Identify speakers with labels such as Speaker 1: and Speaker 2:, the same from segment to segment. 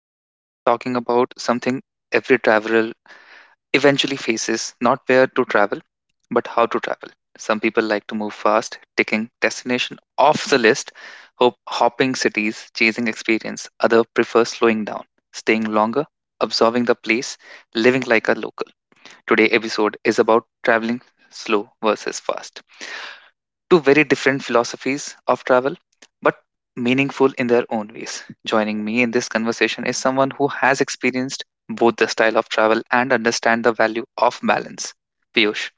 Speaker 1: and today we are talking about something every traveler eventually faces not where to travel, but how to travel. Some people like to move fast, ticking destination off the list, hopping cities, chasing experience. Other prefer slowing down, staying longer, observing the place, living like a local. Today episode is about traveling slow versus fast. Two very different philosophies of travel, but meaningful in their own ways. Joining me in this conversation is someone who has experienced both the style of travel and understand the value of balance. Piyush,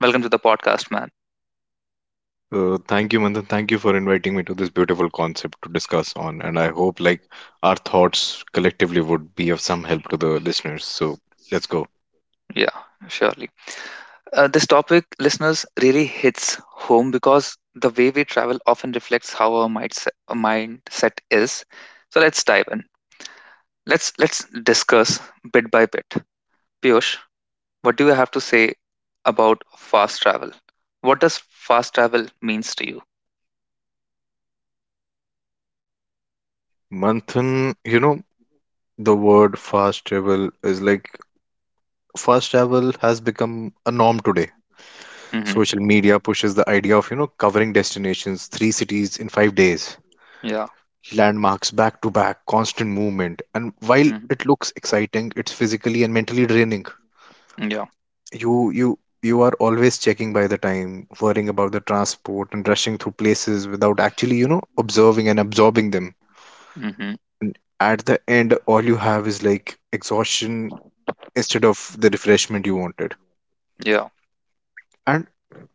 Speaker 1: welcome to the podcast, man.
Speaker 2: Thank you, Manthan. Thank you for inviting me to this beautiful concept to discuss on, and I hope like our thoughts collectively would be of some help to the listeners. So let's go.
Speaker 1: Yeah, surely. This topic, listeners, really hits home because the way we travel often reflects how our mindset is. So let's dive in. Let's discuss bit by bit. Piyush, what do you have to say about fast travel? What does fast travel means to you?
Speaker 2: Manthan, you know, the word fast travel is like fast travel has become a norm today.
Speaker 1: Mm-hmm.
Speaker 2: Social media pushes the idea of, covering destinations, three cities in 5 days,
Speaker 1: Yeah.
Speaker 2: landmarks back to back, constant movement. And while
Speaker 1: Mm-hmm.
Speaker 2: it looks exciting, it's physically and mentally draining.
Speaker 1: Yeah.
Speaker 2: You are always checking by the time, worrying about the transport and rushing through places without actually observing and absorbing them.
Speaker 1: Mm-hmm.
Speaker 2: At the end, all you have is like exhaustion instead of the refreshment you wanted.
Speaker 1: Yeah.
Speaker 2: And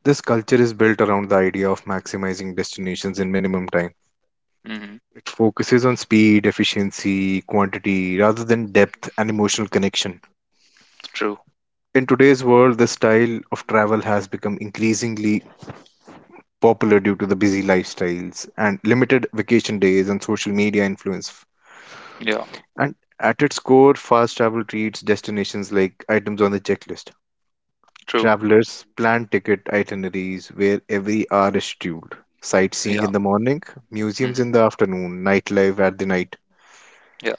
Speaker 2: this culture is built around the idea of maximizing destinations in minimum time.
Speaker 1: Mm-hmm.
Speaker 2: It focuses on speed, efficiency, quantity rather than depth and emotional connection.
Speaker 1: True.
Speaker 2: In today's world, the style of travel has become increasingly popular due to the busy lifestyles and limited vacation days and social media influence.
Speaker 1: Yeah.
Speaker 2: And at its core, fast travel treats destinations like items on the checklist.
Speaker 1: True.
Speaker 2: Travelers plan ticket itineraries where every hour is scheduled. Sightseeing
Speaker 1: Yeah.
Speaker 2: in the morning, museums in the
Speaker 1: Mm-hmm.
Speaker 2: afternoon, nightlife at the night,
Speaker 1: Yeah.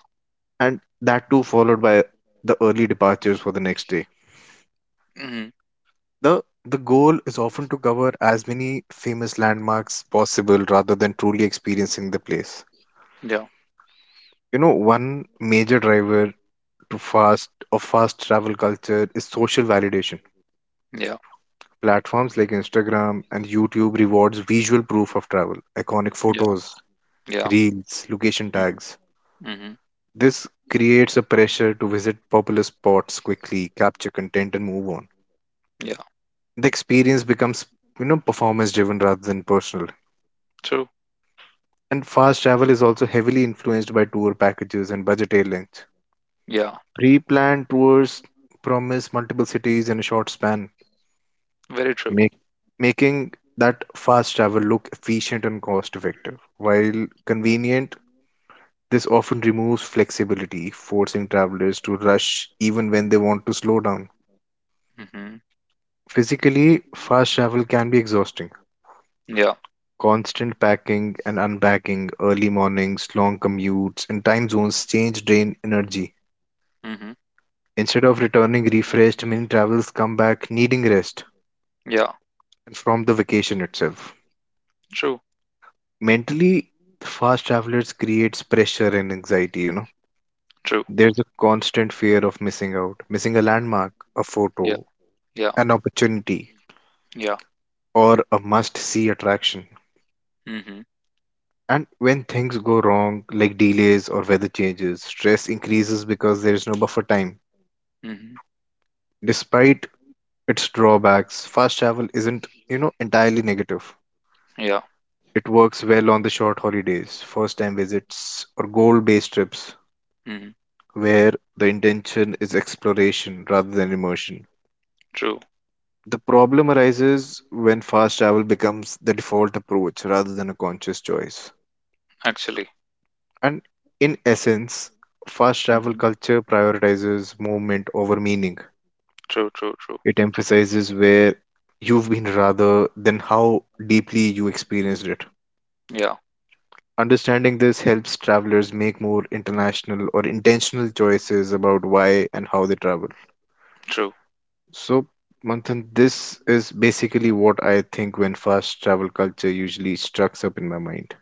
Speaker 2: and that too followed by the early departures for the next day.
Speaker 1: Mm-hmm.
Speaker 2: The the goal is often to cover as many famous landmarks possible rather than truly experiencing the place.
Speaker 1: Yeah.
Speaker 2: You know, one major driver to fast of fast travel culture is social validation.
Speaker 1: Yeah.
Speaker 2: Platforms like Instagram and YouTube rewards visual proof of travel, iconic
Speaker 1: Yeah.
Speaker 2: photos,
Speaker 1: Yeah.
Speaker 2: reels, location
Speaker 1: Mm-hmm.
Speaker 2: tags.
Speaker 1: Mm-hmm.
Speaker 2: This creates a pressure to visit popular spots quickly, capture content, and move on.
Speaker 1: Yeah.
Speaker 2: The experience becomes, performance driven rather than personal.
Speaker 1: True.
Speaker 2: And fast travel is also heavily influenced by tour packages and budget airlines.
Speaker 1: Yeah.
Speaker 2: Pre-planned tours promise multiple cities in a short span,
Speaker 1: Very true.
Speaker 2: make, making that fast travel look efficient and cost effective. While convenient, this often removes flexibility, forcing travelers to rush even when they want to slow down.
Speaker 1: Mm-hmm.
Speaker 2: Physically, fast travel can be exhausting.
Speaker 1: Yeah.
Speaker 2: Constant packing and unpacking, early mornings, long commutes, and time zones change drain energy.
Speaker 1: Mm-hmm.
Speaker 2: Instead of returning refreshed, many travelers come back needing rest
Speaker 1: Yeah.
Speaker 2: and from the vacation itself.
Speaker 1: True.
Speaker 2: Mentally, fast travelers creates pressure and anxiety.
Speaker 1: True.
Speaker 2: There's a constant fear of missing out, missing a landmark, a
Speaker 1: Yeah.
Speaker 2: photo,
Speaker 1: Yeah.
Speaker 2: an opportunity,
Speaker 1: Yeah.
Speaker 2: or a must see attraction.
Speaker 1: Mm-hmm.
Speaker 2: And when things go wrong, like delays or weather changes, stress increases because there's no buffer time.
Speaker 1: Mm-hmm.
Speaker 2: Despite its drawbacks, fast travel isn't entirely negative.
Speaker 1: Yeah.
Speaker 2: It works well on the short holidays, first time visits, or goal based trips
Speaker 1: Mm-hmm.
Speaker 2: where the intention is exploration rather than immersion.
Speaker 1: True.
Speaker 2: The problem arises when fast travel becomes the default approach rather than a conscious choice.
Speaker 1: Actually.
Speaker 2: And in essence, fast travel
Speaker 1: Mm-hmm.
Speaker 2: culture prioritizes movement over meaning.
Speaker 1: True. True. True.
Speaker 2: It emphasizes where you've been rather than how deeply you experienced it.
Speaker 1: Yeah.
Speaker 2: Understanding this helps travelers make more international or intentional choices about why and how they travel.
Speaker 1: True.
Speaker 2: So, Manthan, this is basically what I think when fast travel culture usually strucks up in my mind.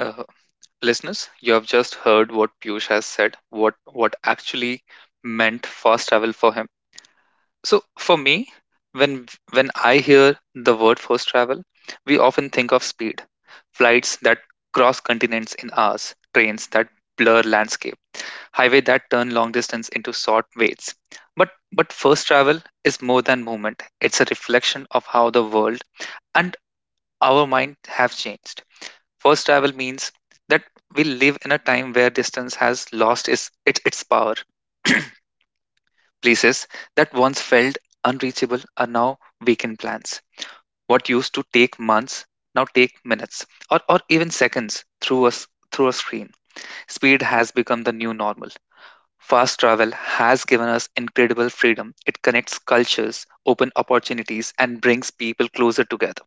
Speaker 1: Uh, Listeners, you have just heard what Piyush has said, what actually meant fast travel for him. So for me, when when I hear the word fast travel, we often think of speed, flights that cross continents in hours, trains that blur landscape, highway that turn long distance into short waits. But first travel is more than movement. It's a reflection of how the world and our mind have changed. Fast travel means that we live in a time where distance has lost its power. Places that once felt unreachable are now weekend plans. What used to take months now take minutes or even seconds through us through a screen. Speed has become the new normal. Fast travel has given us incredible freedom. It connects cultures, open opportunities, and brings people closer together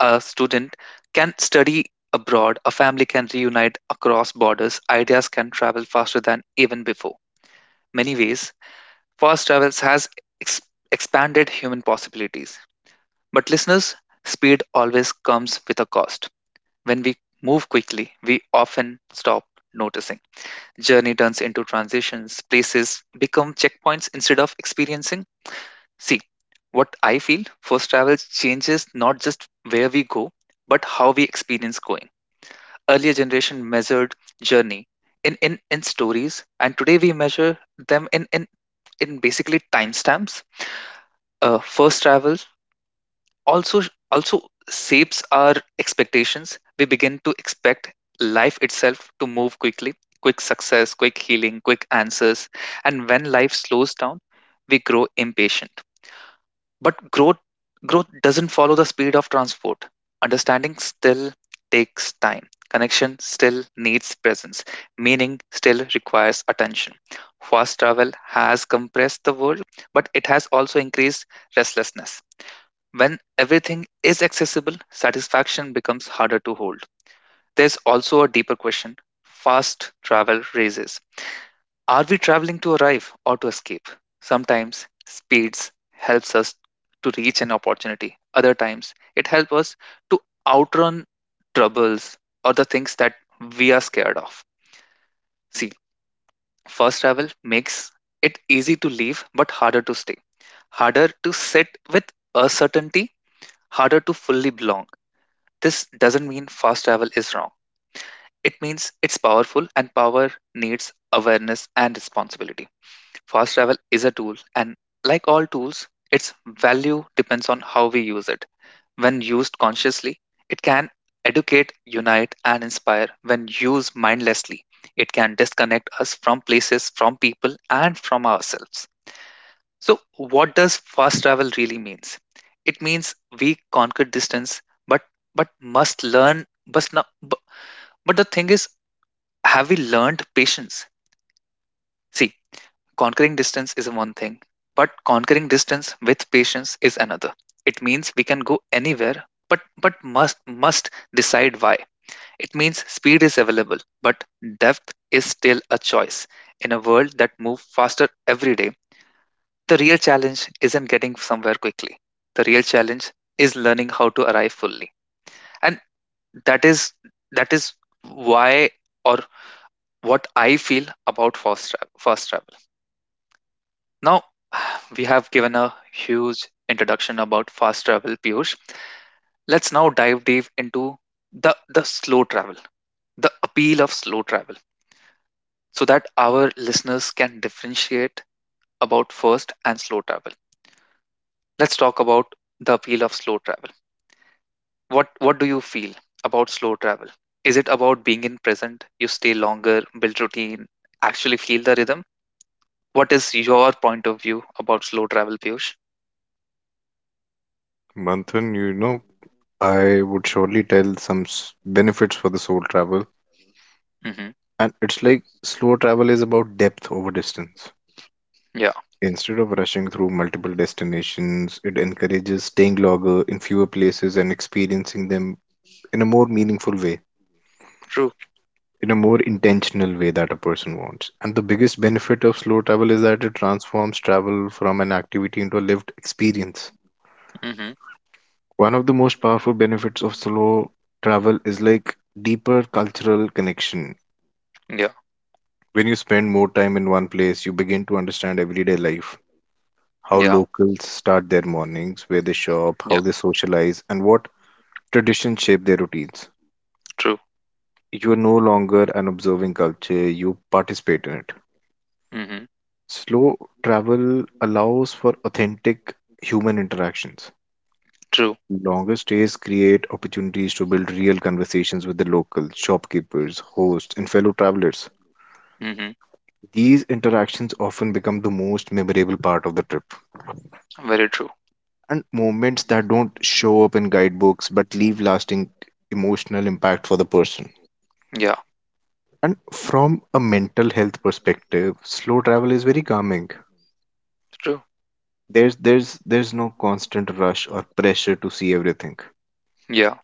Speaker 1: a student can study abroad, a family can reunite across borders, ideas can travel faster than even before. Many ways, fast travels has ex- expanded human possibilities. But listeners, speed always comes with a cost. When we move quickly, we often stop noticing. Journey turns into transitions, places become checkpoints instead of experiencing. See, what I feel, first travel changes not just where we go, but how we experience going. Earlier generation measured journey in stories and today we measure them in basically timestamps. First travel also also shapes our expectations. We begin to expect life itself to move quickly, quick success, quick healing, quick answers. And when life slows down we grow impatient, but growth doesn't follow the speed of transport. Understanding still takes time. Connection still needs presence. Meaning still requires attention. Fast travel has compressed the world, but it has also increased restlessness. When everything is accessible, satisfaction becomes harder to hold. There's also a deeper question fast travel raises are we traveling to arrive or to escape? Sometimes speeds helps us to reach an opportunity. Other times it helps us to outrun troubles or the things that we are scared of. See, first travel makes it easy to leave but harder to stay. Harder to sit with uncertainty, harder to fully belong. This doesn't mean fast travel is wrong. It means it's powerful and power needs awareness and responsibility. Fast travel is a tool, and like all tools, its value depends on how we use it. When used consciously, it can educate, unite, and inspire. When used mindlessly, it can disconnect us from places, from people, and from ourselves. So, what does fast travel really means? It means we conquer distance, but but must learn. But, not, but the thing is, have we learned patience? See, conquering distance is one thing, but conquering distance with patience is another. It means we can go anywhere, but must decide why. It means speed is available, but depth is still a choice. In a world that moves faster every day, the real challenge isn't getting somewhere quickly. The real challenge is learning how to arrive fully. And that is that is why or what I feel about fast travel. Now, we have given a huge introduction about fast travel, Piyush. Let's now dive deep into the slow travel, the appeal of slow travel, so that our listeners can differentiate about first and slow travel. Let's talk about the appeal of slow travel. What do you feel about slow travel? Is it about being in present? You stay longer, build routine, actually feel the rhythm? What is your point of view about slow travel, Piyush?
Speaker 2: Manthan, you know, I would surely tell some benefits for the soul travel.
Speaker 1: Hmm.
Speaker 2: And it's like slow travel is about depth over distance.
Speaker 1: Yeah,
Speaker 2: Instead of rushing through multiple destinations, it encourages staying longer in fewer places and experiencing them in a more meaningful way,
Speaker 1: true.
Speaker 2: in a more intentional way that a person wants. And the biggest benefit of slow travel is that it transforms travel from an activity into a lived experience.
Speaker 1: Hmm.
Speaker 2: One of the most powerful benefits of slow travel is like deeper cultural connection.
Speaker 1: Yeah,
Speaker 2: When you spend more time in one place, you begin to understand everyday life, how
Speaker 1: yeah.
Speaker 2: locals start their mornings, where they shop, how they socialize, and what traditions shape their routines.
Speaker 1: True.
Speaker 2: You are no longer an observing culture, you participate in it.
Speaker 1: Mhm.
Speaker 2: Slow travel allows for authentic human interactions.
Speaker 1: True.
Speaker 2: Longer stays create opportunities to build real conversations with the locals, shopkeepers, hosts, and fellow travelers.
Speaker 1: Mhm.
Speaker 2: These interactions often become the most memorable part of the trip,
Speaker 1: Very true.
Speaker 2: and moments that don't show up in guidebooks but leave lasting emotional impact for the person.
Speaker 1: Yeah.
Speaker 2: And from a mental health perspective, slow travel is very calming.
Speaker 1: True.
Speaker 2: There's no constant rush or pressure to see everything.
Speaker 1: Yeah.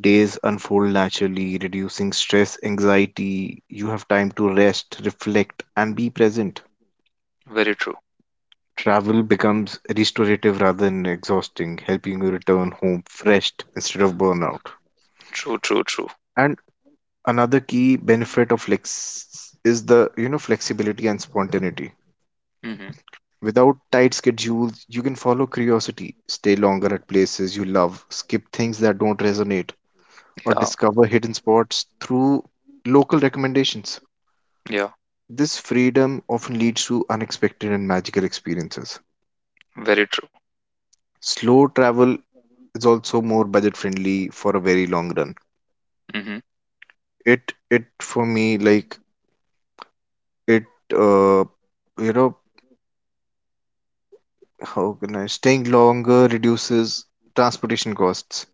Speaker 2: Days unfold naturally, reducing stress, anxiety. You have time to rest, reflect, and be present.
Speaker 1: Very true.
Speaker 2: Travel becomes restorative rather than exhausting, helping you return home refreshed instead of burnout.
Speaker 1: True. True. True.
Speaker 2: And another key benefit of flex is the, you know, flexibility and spontaneity.
Speaker 1: Mhm.
Speaker 2: Without tight schedules, you can follow curiosity, stay longer at places you love, skip things that don't resonate, or
Speaker 1: Yeah.
Speaker 2: discover hidden spots through local recommendations.
Speaker 1: Yeah.
Speaker 2: This freedom often leads to unexpected and magical experiences.
Speaker 1: Very true.
Speaker 2: Slow travel is also more budget friendly for a very long run.
Speaker 1: Mhm.
Speaker 2: It for me like it uh you know how can I Staying longer reduces transportation costs,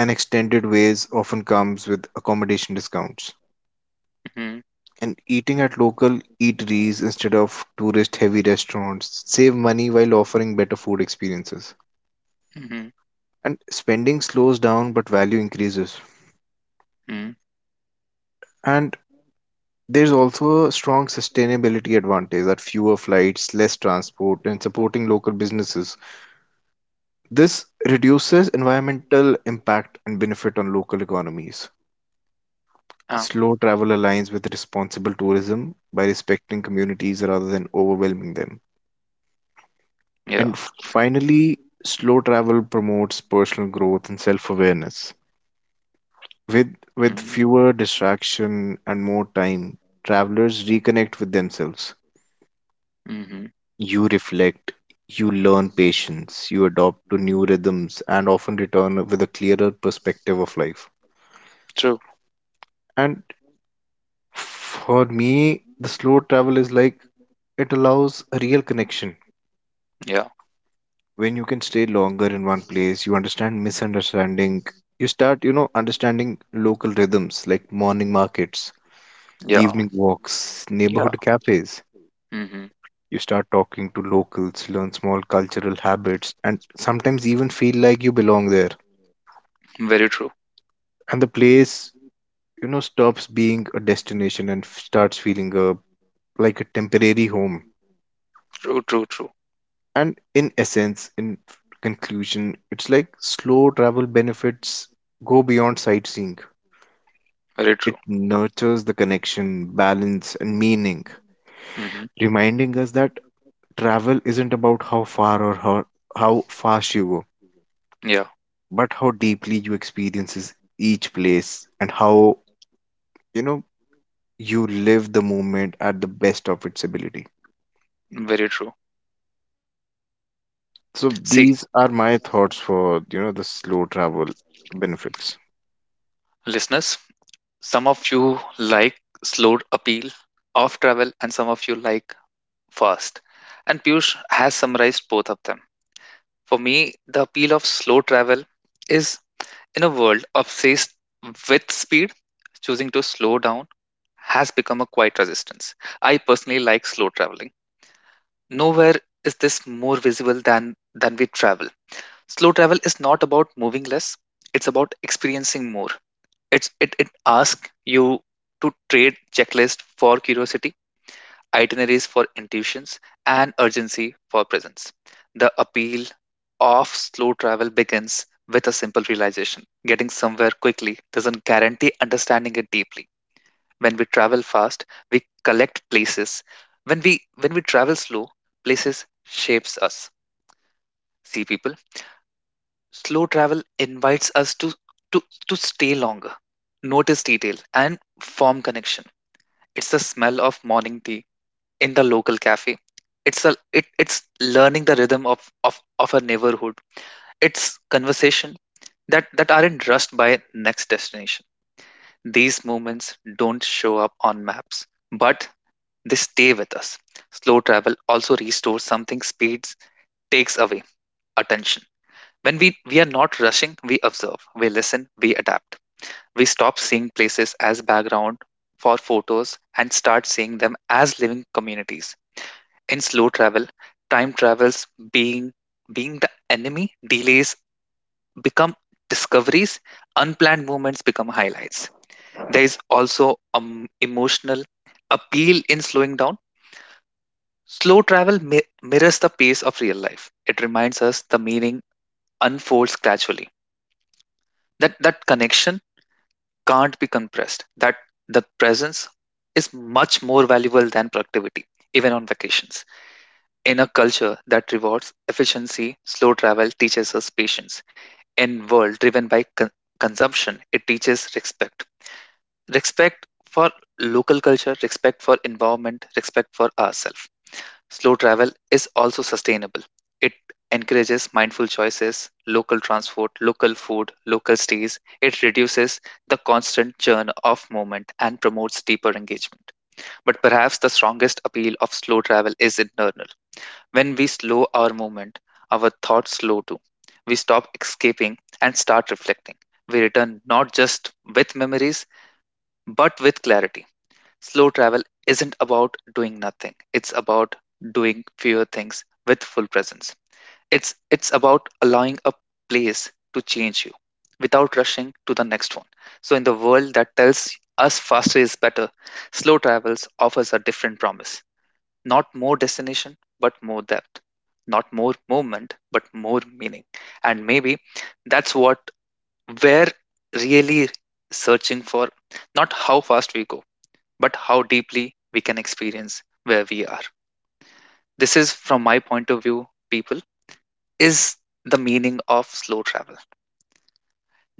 Speaker 2: and extended ways often comes with accommodation discounts.
Speaker 1: Mhm.
Speaker 2: And eating at local eateries instead of tourist heavy restaurants save money while offering better food experiences.
Speaker 1: Mhm.
Speaker 2: And spending slows down but value increases.
Speaker 1: Mhm.
Speaker 2: And There's also a strong sustainability advantage: that fewer flights, less transport, and supporting local businesses. This reduces environmental impact and benefit on local economies.
Speaker 1: Um,
Speaker 2: Slow travel aligns with responsible tourism by respecting communities rather than overwhelming them.
Speaker 1: yeah.
Speaker 2: And finally, slow travel promotes personal growth and self-awareness. With
Speaker 1: Mhm.
Speaker 2: fewer distraction and more time, travelers reconnect with themselves.
Speaker 1: Mhm.
Speaker 2: You reflect, you learn patience, you adopt to new rhythms, and often return with a clearer perspective of life.
Speaker 1: True.
Speaker 2: And for me, the slow travel is like it allows a real connection.
Speaker 1: Yeah.
Speaker 2: When you can stay longer in one place, you understand misunderstanding. You start, you know, understanding local rhythms like morning markets,
Speaker 1: Yeah.
Speaker 2: evening walks,
Speaker 1: Yeah.
Speaker 2: neighborhood cafes.
Speaker 1: Mhm.
Speaker 2: You start talking to locals, learn small cultural habits, and sometimes even feel like you belong there.
Speaker 1: Very true.
Speaker 2: And the place, you know, stops being a destination and starts feeling a like a temporary home.
Speaker 1: True. True. True.
Speaker 2: And in essence, in conclusion, it's like slow travel benefits go beyond sightseeing.
Speaker 1: Very
Speaker 2: It
Speaker 1: true.
Speaker 2: nurtures the connection, balance, and meaning,
Speaker 1: Mhm.
Speaker 2: reminding us that travel isn't about how far or how fast you go,
Speaker 1: Yeah.
Speaker 2: but how deeply you experiences each place, and how, you know, you live the moment at the best of its ability.
Speaker 1: Very true.
Speaker 2: So
Speaker 1: See,
Speaker 2: these are my thoughts for, you know, the slow travel benefits.
Speaker 1: listeners, some of you like slow appeal of travel, and some of you like fast. And Piyush has summarized both of them. For me, the appeal of slow travel is in a world obsessed with speed, choosing to slow down has become a quiet resistance. I personally like slow traveling. Nowhere is this more visible than we travel. Slow travel is not about moving less, it's about experiencing more. It asks you to trade checklist for curiosity, itineraries for intuitions, and urgency for presence. The appeal of slow travel begins with a simple realization getting somewhere quickly doesn't guarantee understanding it deeply. When we travel fast, we collect places. When we travel slow, places shapes us. See people, slow travel invites us to, to stay longer, notice detail, and form connection. It's the smell of morning tea in the local cafe. It's learning the rhythm of a neighborhood. It's conversation that aren't rushed by next destination. These moments don't show up on maps, but they stay with us. Slow travel also restores something speeds takes away attention. When we are not rushing, we observe, we listen, we adapt. We stop seeing places as background for photos and start seeing them as living communities in slow travel, time travels being being the enemy, delays become discoveries, unplanned moments become highlights. There is also emotional appeal in slowing down. Slow travel mirrors the pace of real life. It reminds us the meaning unfolds gradually. That connection can't be compressed. That the presence is much more valuable than productivity, even on vacations. In a culture that rewards efficiency, slow travel teaches us patience. In world driven by consumption, it teaches respect. Respect for local culture, respect for environment, respect for ourselves. Slow travel is also sustainable. It encourages mindful choices, local transport, local food, local stays. It reduces the constant churn of movement and promotes deeper engagement. But perhaps the strongest appeal of slow travel is internal when we slow our movement, our thoughts slow too. We stop escaping and start reflecting. We return not just with memories, but with clarity. Slow travel isn't about doing nothing, it's about doing fewer things with full presence. It's about allowing a place to change you without rushing to the next one. So, in the world that tells us faster is better, slow travels offers a different promise. Not more destination, but more depth. Not more movement, but more meaning. And maybe that's what we're really searching for. Not how fast we go, but how deeply we can experience where we are. This is, from my point of view, people, is the meaning of slow travel.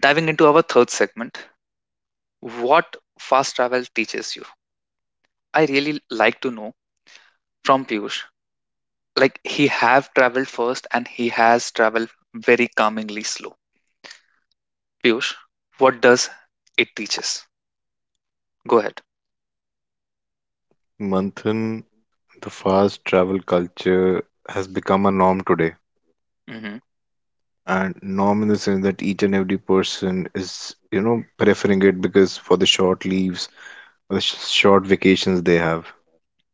Speaker 1: Diving into our third segment, what fast travel teaches you. I really like to know from Piyush like he have traveled first and he has traveled very calmingly slow. Piyush, what does it teaches, go ahead.
Speaker 2: Manthan, the fast travel culture has become a norm today.
Speaker 1: Mm-hmm.
Speaker 2: And norm in the sense that each and every person is, you know, preferring it, because for the short leaves, for the sh short vacations they have.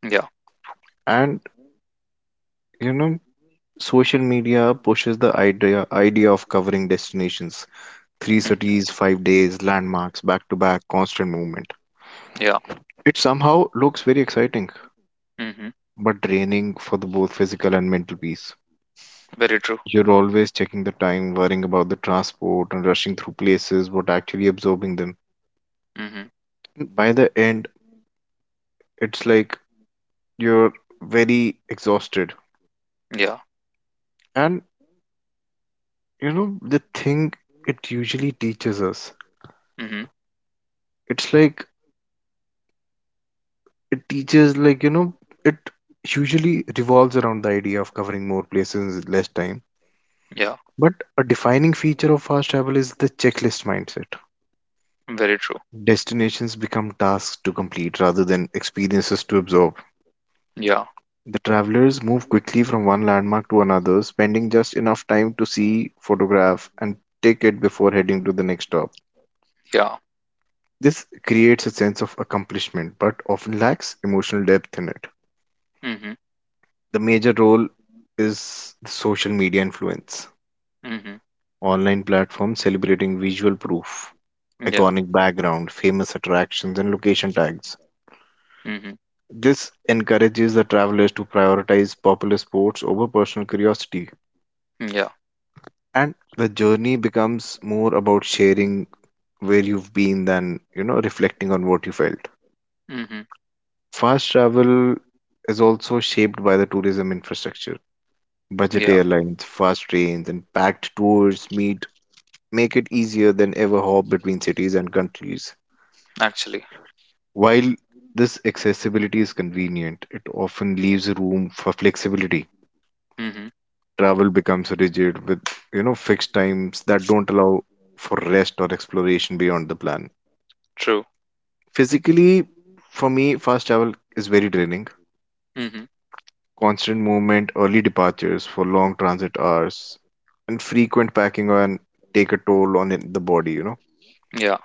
Speaker 1: Yeah.
Speaker 2: And, you know, social media pushes the idea of covering destinations, three
Speaker 1: Mm-hmm.
Speaker 2: cities, 5 days, landmarks, back to back, constant movement.
Speaker 1: Yeah.
Speaker 2: It somehow looks very exciting
Speaker 1: Mm-hmm.
Speaker 2: but draining for the both physical and mental peace.
Speaker 1: Very true.
Speaker 2: You're always checking the time, worrying about the transport and rushing through places, but actually absorbing them.
Speaker 1: Mm-hmm.
Speaker 2: By the end, it's like you're very exhausted.
Speaker 1: Yeah.
Speaker 2: And you know, the thing it usually teaches us,
Speaker 1: Mm-hmm.
Speaker 2: it's like it teaches, like, you know, it usually revolves around the idea of covering more places in less time.
Speaker 1: Yeah.
Speaker 2: But a defining feature of fast travel is the checklist mindset.
Speaker 1: Very true.
Speaker 2: Destinations become tasks to complete rather than experiences to absorb.
Speaker 1: Yeah.
Speaker 2: The travelers move quickly from one landmark to another, spending just enough time to see, photograph, and take it before heading to the next stop.
Speaker 1: Yeah.
Speaker 2: This creates a sense of accomplishment but often lacks emotional depth in it.
Speaker 1: Mm-hmm.
Speaker 2: The major role is the social media influence.
Speaker 1: Mm-hmm.
Speaker 2: Online platforms celebrating visual proof,
Speaker 1: Yeah.
Speaker 2: iconic background, famous attractions, and location tags.
Speaker 1: Mm-hmm.
Speaker 2: This encourages the travelers to prioritize popular sports over personal curiosity,
Speaker 1: Yeah.
Speaker 2: and the journey becomes more about sharing where you've been than, you know, reflecting on what you felt.
Speaker 1: Mm-hmm.
Speaker 2: Fast travel is also shaped by the tourism infrastructure. Budget
Speaker 1: Yeah.
Speaker 2: airlines, fast trains, and packed tours meet make it easier than ever hop between cities and countries.
Speaker 1: Actually.
Speaker 2: While this accessibility is convenient, it often leaves room for flexibility.
Speaker 1: Mm-hmm.
Speaker 2: Travel becomes rigid with, you know, fixed times that don't allow for rest or exploration beyond the plan.
Speaker 1: True.
Speaker 2: Physically, for me, fast travel is very draining.
Speaker 1: Mm-hmm.
Speaker 2: Constant movement, early departures for long transit hours, and frequent packing and take a toll on the body, you know.
Speaker 1: Yeah.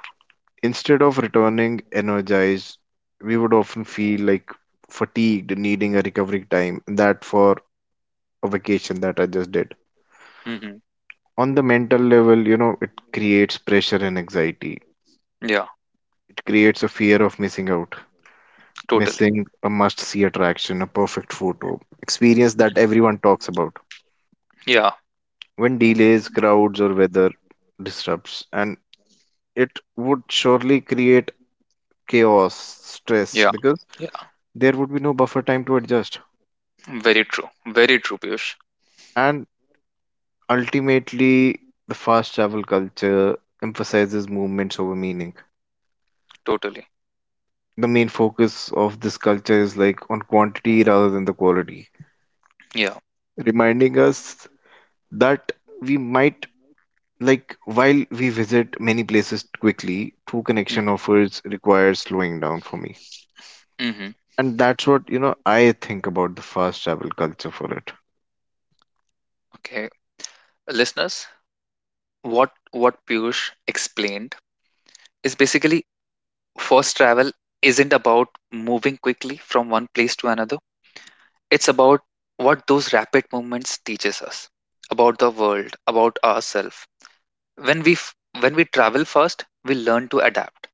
Speaker 2: Instead of returning energized, we would often feel like fatigued, needing a recovery time that for a vacation that I just did.
Speaker 1: Mm-hmm.
Speaker 2: On the mental level, you know, it creates pressure and anxiety.
Speaker 1: Yeah.
Speaker 2: It creates a fear of missing out,
Speaker 1: Totally.
Speaker 2: missing a must see attraction, a perfect photo, experience that
Speaker 1: Mm-hmm.
Speaker 2: everyone talks about.
Speaker 1: Yeah.
Speaker 2: When delays, crowds, or weather disrupts, and it would surely create chaos, stress,
Speaker 1: Yeah.
Speaker 2: because
Speaker 1: Yeah.
Speaker 2: there would be no buffer time to adjust.
Speaker 1: Very true. Very true, Piyush.
Speaker 2: And ultimately, the fast travel culture emphasizes movements over meaning.
Speaker 1: Totally.
Speaker 2: The main focus of this culture is like on quantity rather than the quality,
Speaker 1: Yeah.
Speaker 2: reminding us that we might like while we visit many places quickly, true connection
Speaker 1: Mm-hmm.
Speaker 2: offers requires slowing down for me.
Speaker 1: Mm-hmm.
Speaker 2: And that's what, you know, I think about the fast travel culture for it.
Speaker 1: Okay, listeners, what Piyush explained is basically first travel isn't about moving quickly from one place to another. It's about what those rapid movements teaches us about the world, about ourselves. When we travel fast, we learn to adapt.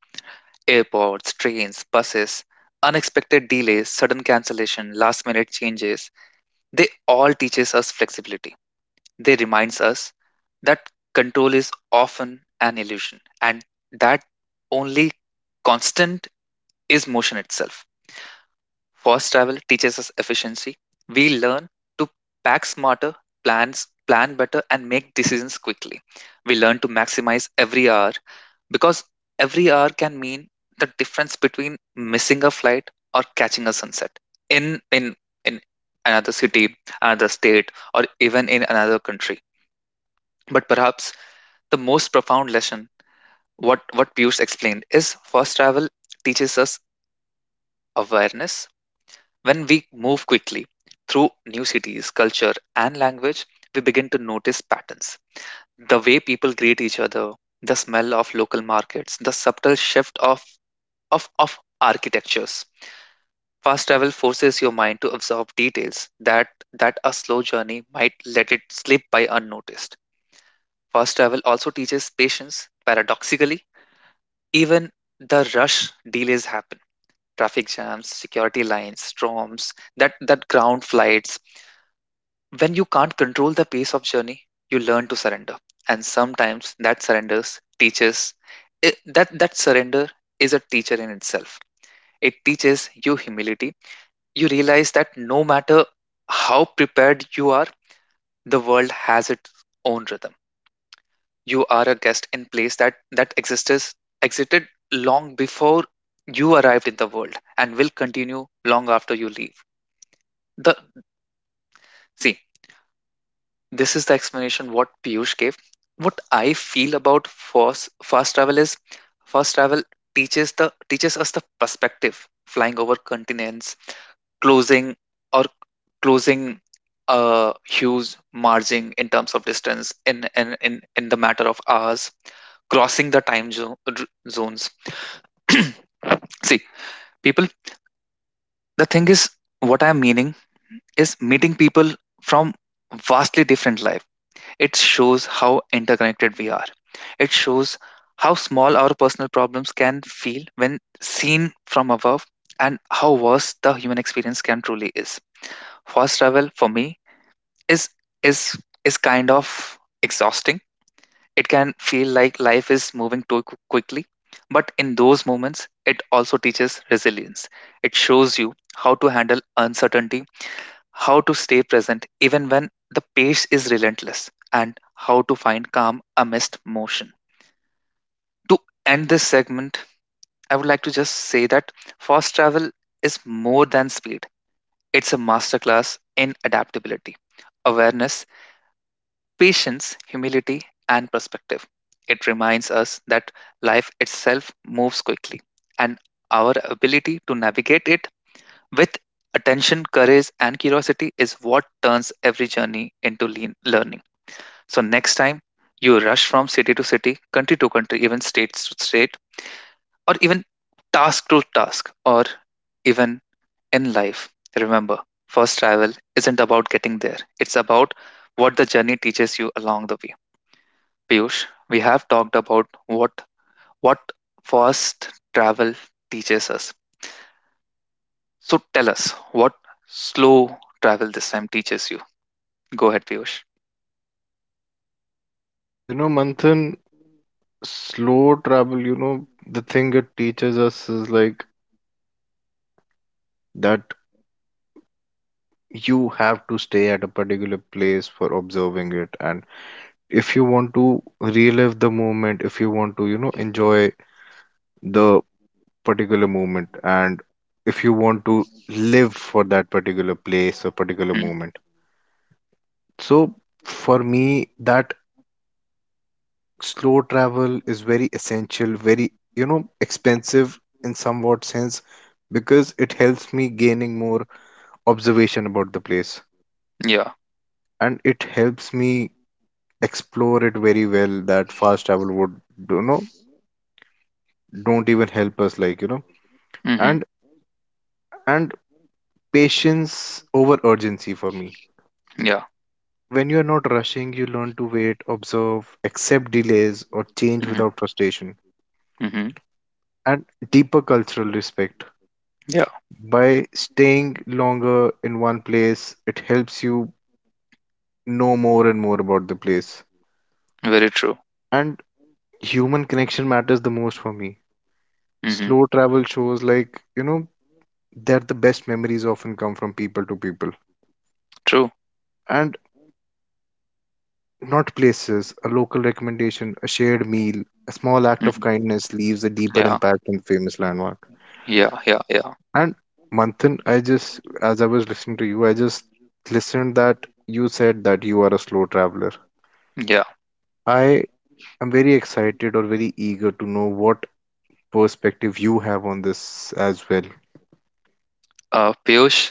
Speaker 1: Airports, trains, buses, unexpected delays, sudden cancellation, last minute changes, they all teaches us flexibility. They reminds us that control is often an illusion and that only constant is motion itself. Fast travel teaches us efficiency. We learn to pack smarter, plan better and make decisions quickly. We learn to maximize every hour because every hour can mean the difference between missing a flight or catching a sunset in in in another city, another state, or even in another country. But perhaps the most profound lesson, what Piyush explained, is fast travel teaches us awareness. When we move quickly through new cities, culture, and language, we begin to notice patterns. The way people greet each other, the smell of local markets, the subtle shift of architectures. Fast travel forces your mind to absorb details that a slow journey might let it slip by unnoticed. Fast travel also teaches patience, paradoxically. Even the rush delays happen. Traffic jams, security lines, storms that ground flights. When you can't control the pace of journey, you learn to surrender. And sometimes that surrenders teaches that surrender is a teacher in itself. It teaches you humility. You realize that no matter how prepared you are, the world has its own rhythm. You are a guest in place that exists existed long before you arrived in the world and will continue long after you leave the see this is the explanation what Piyush gave. What I feel about fast travel is fast travel teaches the teaches us the perspective, flying over continents, closing or closing huge margin in terms of distance in the matter of hours, crossing the time zones. See, people, the thing is, what I'm meaning is meeting people from vastly different life. It shows how interconnected we are. It shows how small our personal problems can feel when seen from above and how vast the human experience can truly is. Fast travel for me is is is kind of exhausting. It can feel like life is moving too quickly. But in those moments, it also teaches resilience. It shows you how to handle uncertainty, how to stay present even when the pace is relentless, and how to find calm amidst motion. To end this segment, I would like to just say that fast travel is more than speed, it's a masterclass in adaptability, awareness, patience, humility, and perspective. It reminds us that life itself moves quickly, and our ability to navigate it with attention, courage, and curiosity is what turns every journey into lean learning. So, next time you rush from city to city, country to country, even state to state, or even task to task, or even in life, remember first travel isn't about getting there, it's about what the journey teaches you along the way. Piyush, we have talked about what fast travel teaches us. So tell us what slow travel this time teaches you. Go ahead, Piyush.
Speaker 2: You know, Manthan, slow travel, you know, the thing it teaches us is like that you have to stay at a particular place for observing it. And if you want to relive the moment, if you want to, you know, enjoy the particular moment, and if you want to live for that particular place or particular
Speaker 1: Mm.
Speaker 2: moment. So for me, that slow travel is very essential, very, you know, expensive in somewhat sense, because it helps me gaining more observation about the place,
Speaker 1: Yeah.
Speaker 2: and it helps me explore it very well that fast travel would, you know, don't even help us like,
Speaker 1: Hmm.
Speaker 2: and and patience over urgency for me.
Speaker 1: Yeah.
Speaker 2: When you are not rushing, you learn to wait, observe, accept delays, or change
Speaker 1: Hmm.
Speaker 2: without frustration,
Speaker 1: Hmm.
Speaker 2: and deeper cultural respect.
Speaker 1: Yeah.
Speaker 2: By staying longer in one place, it helps you know more and more about the place.
Speaker 1: Very true.
Speaker 2: And human connection matters the most for me.
Speaker 1: Hmm.
Speaker 2: Slow travel shows, like, you know, that the best memories often come from people to people.
Speaker 1: True.
Speaker 2: And not places, a local recommendation, a shared meal, a small act of
Speaker 1: Hmm.
Speaker 2: kindness leaves a deeper
Speaker 1: Yeah.
Speaker 2: impact than famous landmark.
Speaker 1: Yeah. Yeah. Yeah.
Speaker 2: And Manthan, I just, as I was listening to you, I just listened that you said that you are a slow traveler.
Speaker 1: Yeah.
Speaker 2: I am very excited or very eager to know what perspective you have on this as well.
Speaker 1: Piyush,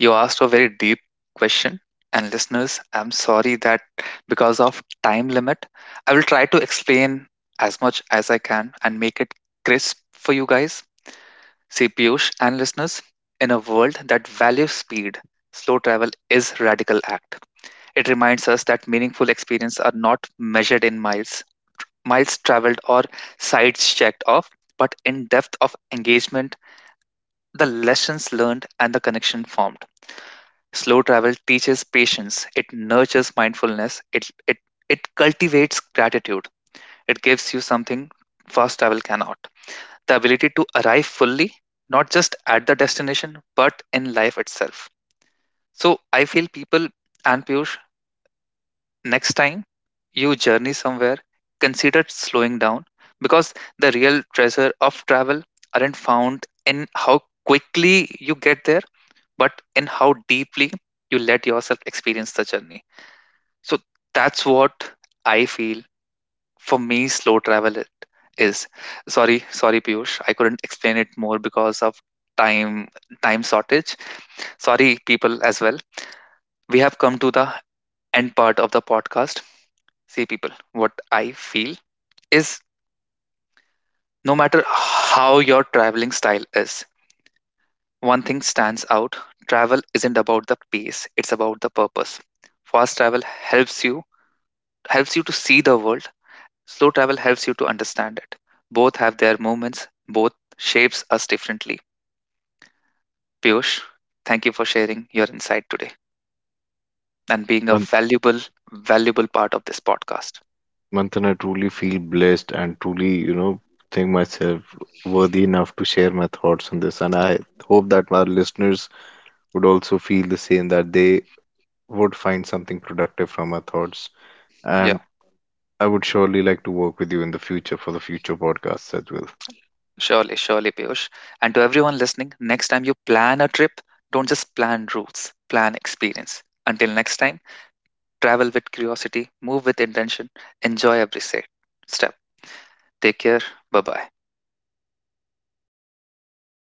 Speaker 1: you asked a very deep question. And listeners, I'm sorry that because of time limit, I will try to explain as much as I can and make it crisp for you guys. See, Piyush and listeners, in a world that values speed, slow travel is radical act. It reminds us that meaningful experiences are not measured in miles, miles traveled or sites checked off, but in depth of engagement, the lessons learned and the connection formed. Slow travel teaches patience, it nurtures mindfulness, it cultivates gratitude, it gives you something fast travel cannot, the ability to arrive fully, not just at the destination, but in life itself. So I feel people and Piyush, next time you journey somewhere, consider slowing down because the real treasure of travel aren't found in how quickly you get there, but in how deeply you let yourself experience the journey. So that's what I feel for me slow travel it is. Sorry, sorry Piyush, I couldn't explain it more because of time time shortage. Sorry people as well. We have come to the end part of the podcast. See people, what I feel is no matter how your traveling style is, one thing stands out. Travel isn't about the pace, it's about the purpose. Fast travel helps you to see the world. Slow travel helps you to understand it. Both have their moments, both shapes us differently. Piyush, thank you for sharing your insight today and being a
Speaker 2: Man-
Speaker 1: valuable part of this podcast.
Speaker 2: Manthan, I truly feel blessed and truly, you know, think myself worthy enough to share my thoughts on this. And I hope that our listeners would also feel the same, that they would find something productive from our thoughts.
Speaker 1: Yeah,
Speaker 2: And I would surely like to work with you in the future for the future podcasts as well.
Speaker 1: surely, surely, Piyush. And to everyone listening, next time you plan a trip, don't just plan routes, plan experience. Until next time, travel with curiosity, move with intention, enjoy every step. Take care. Bye bye.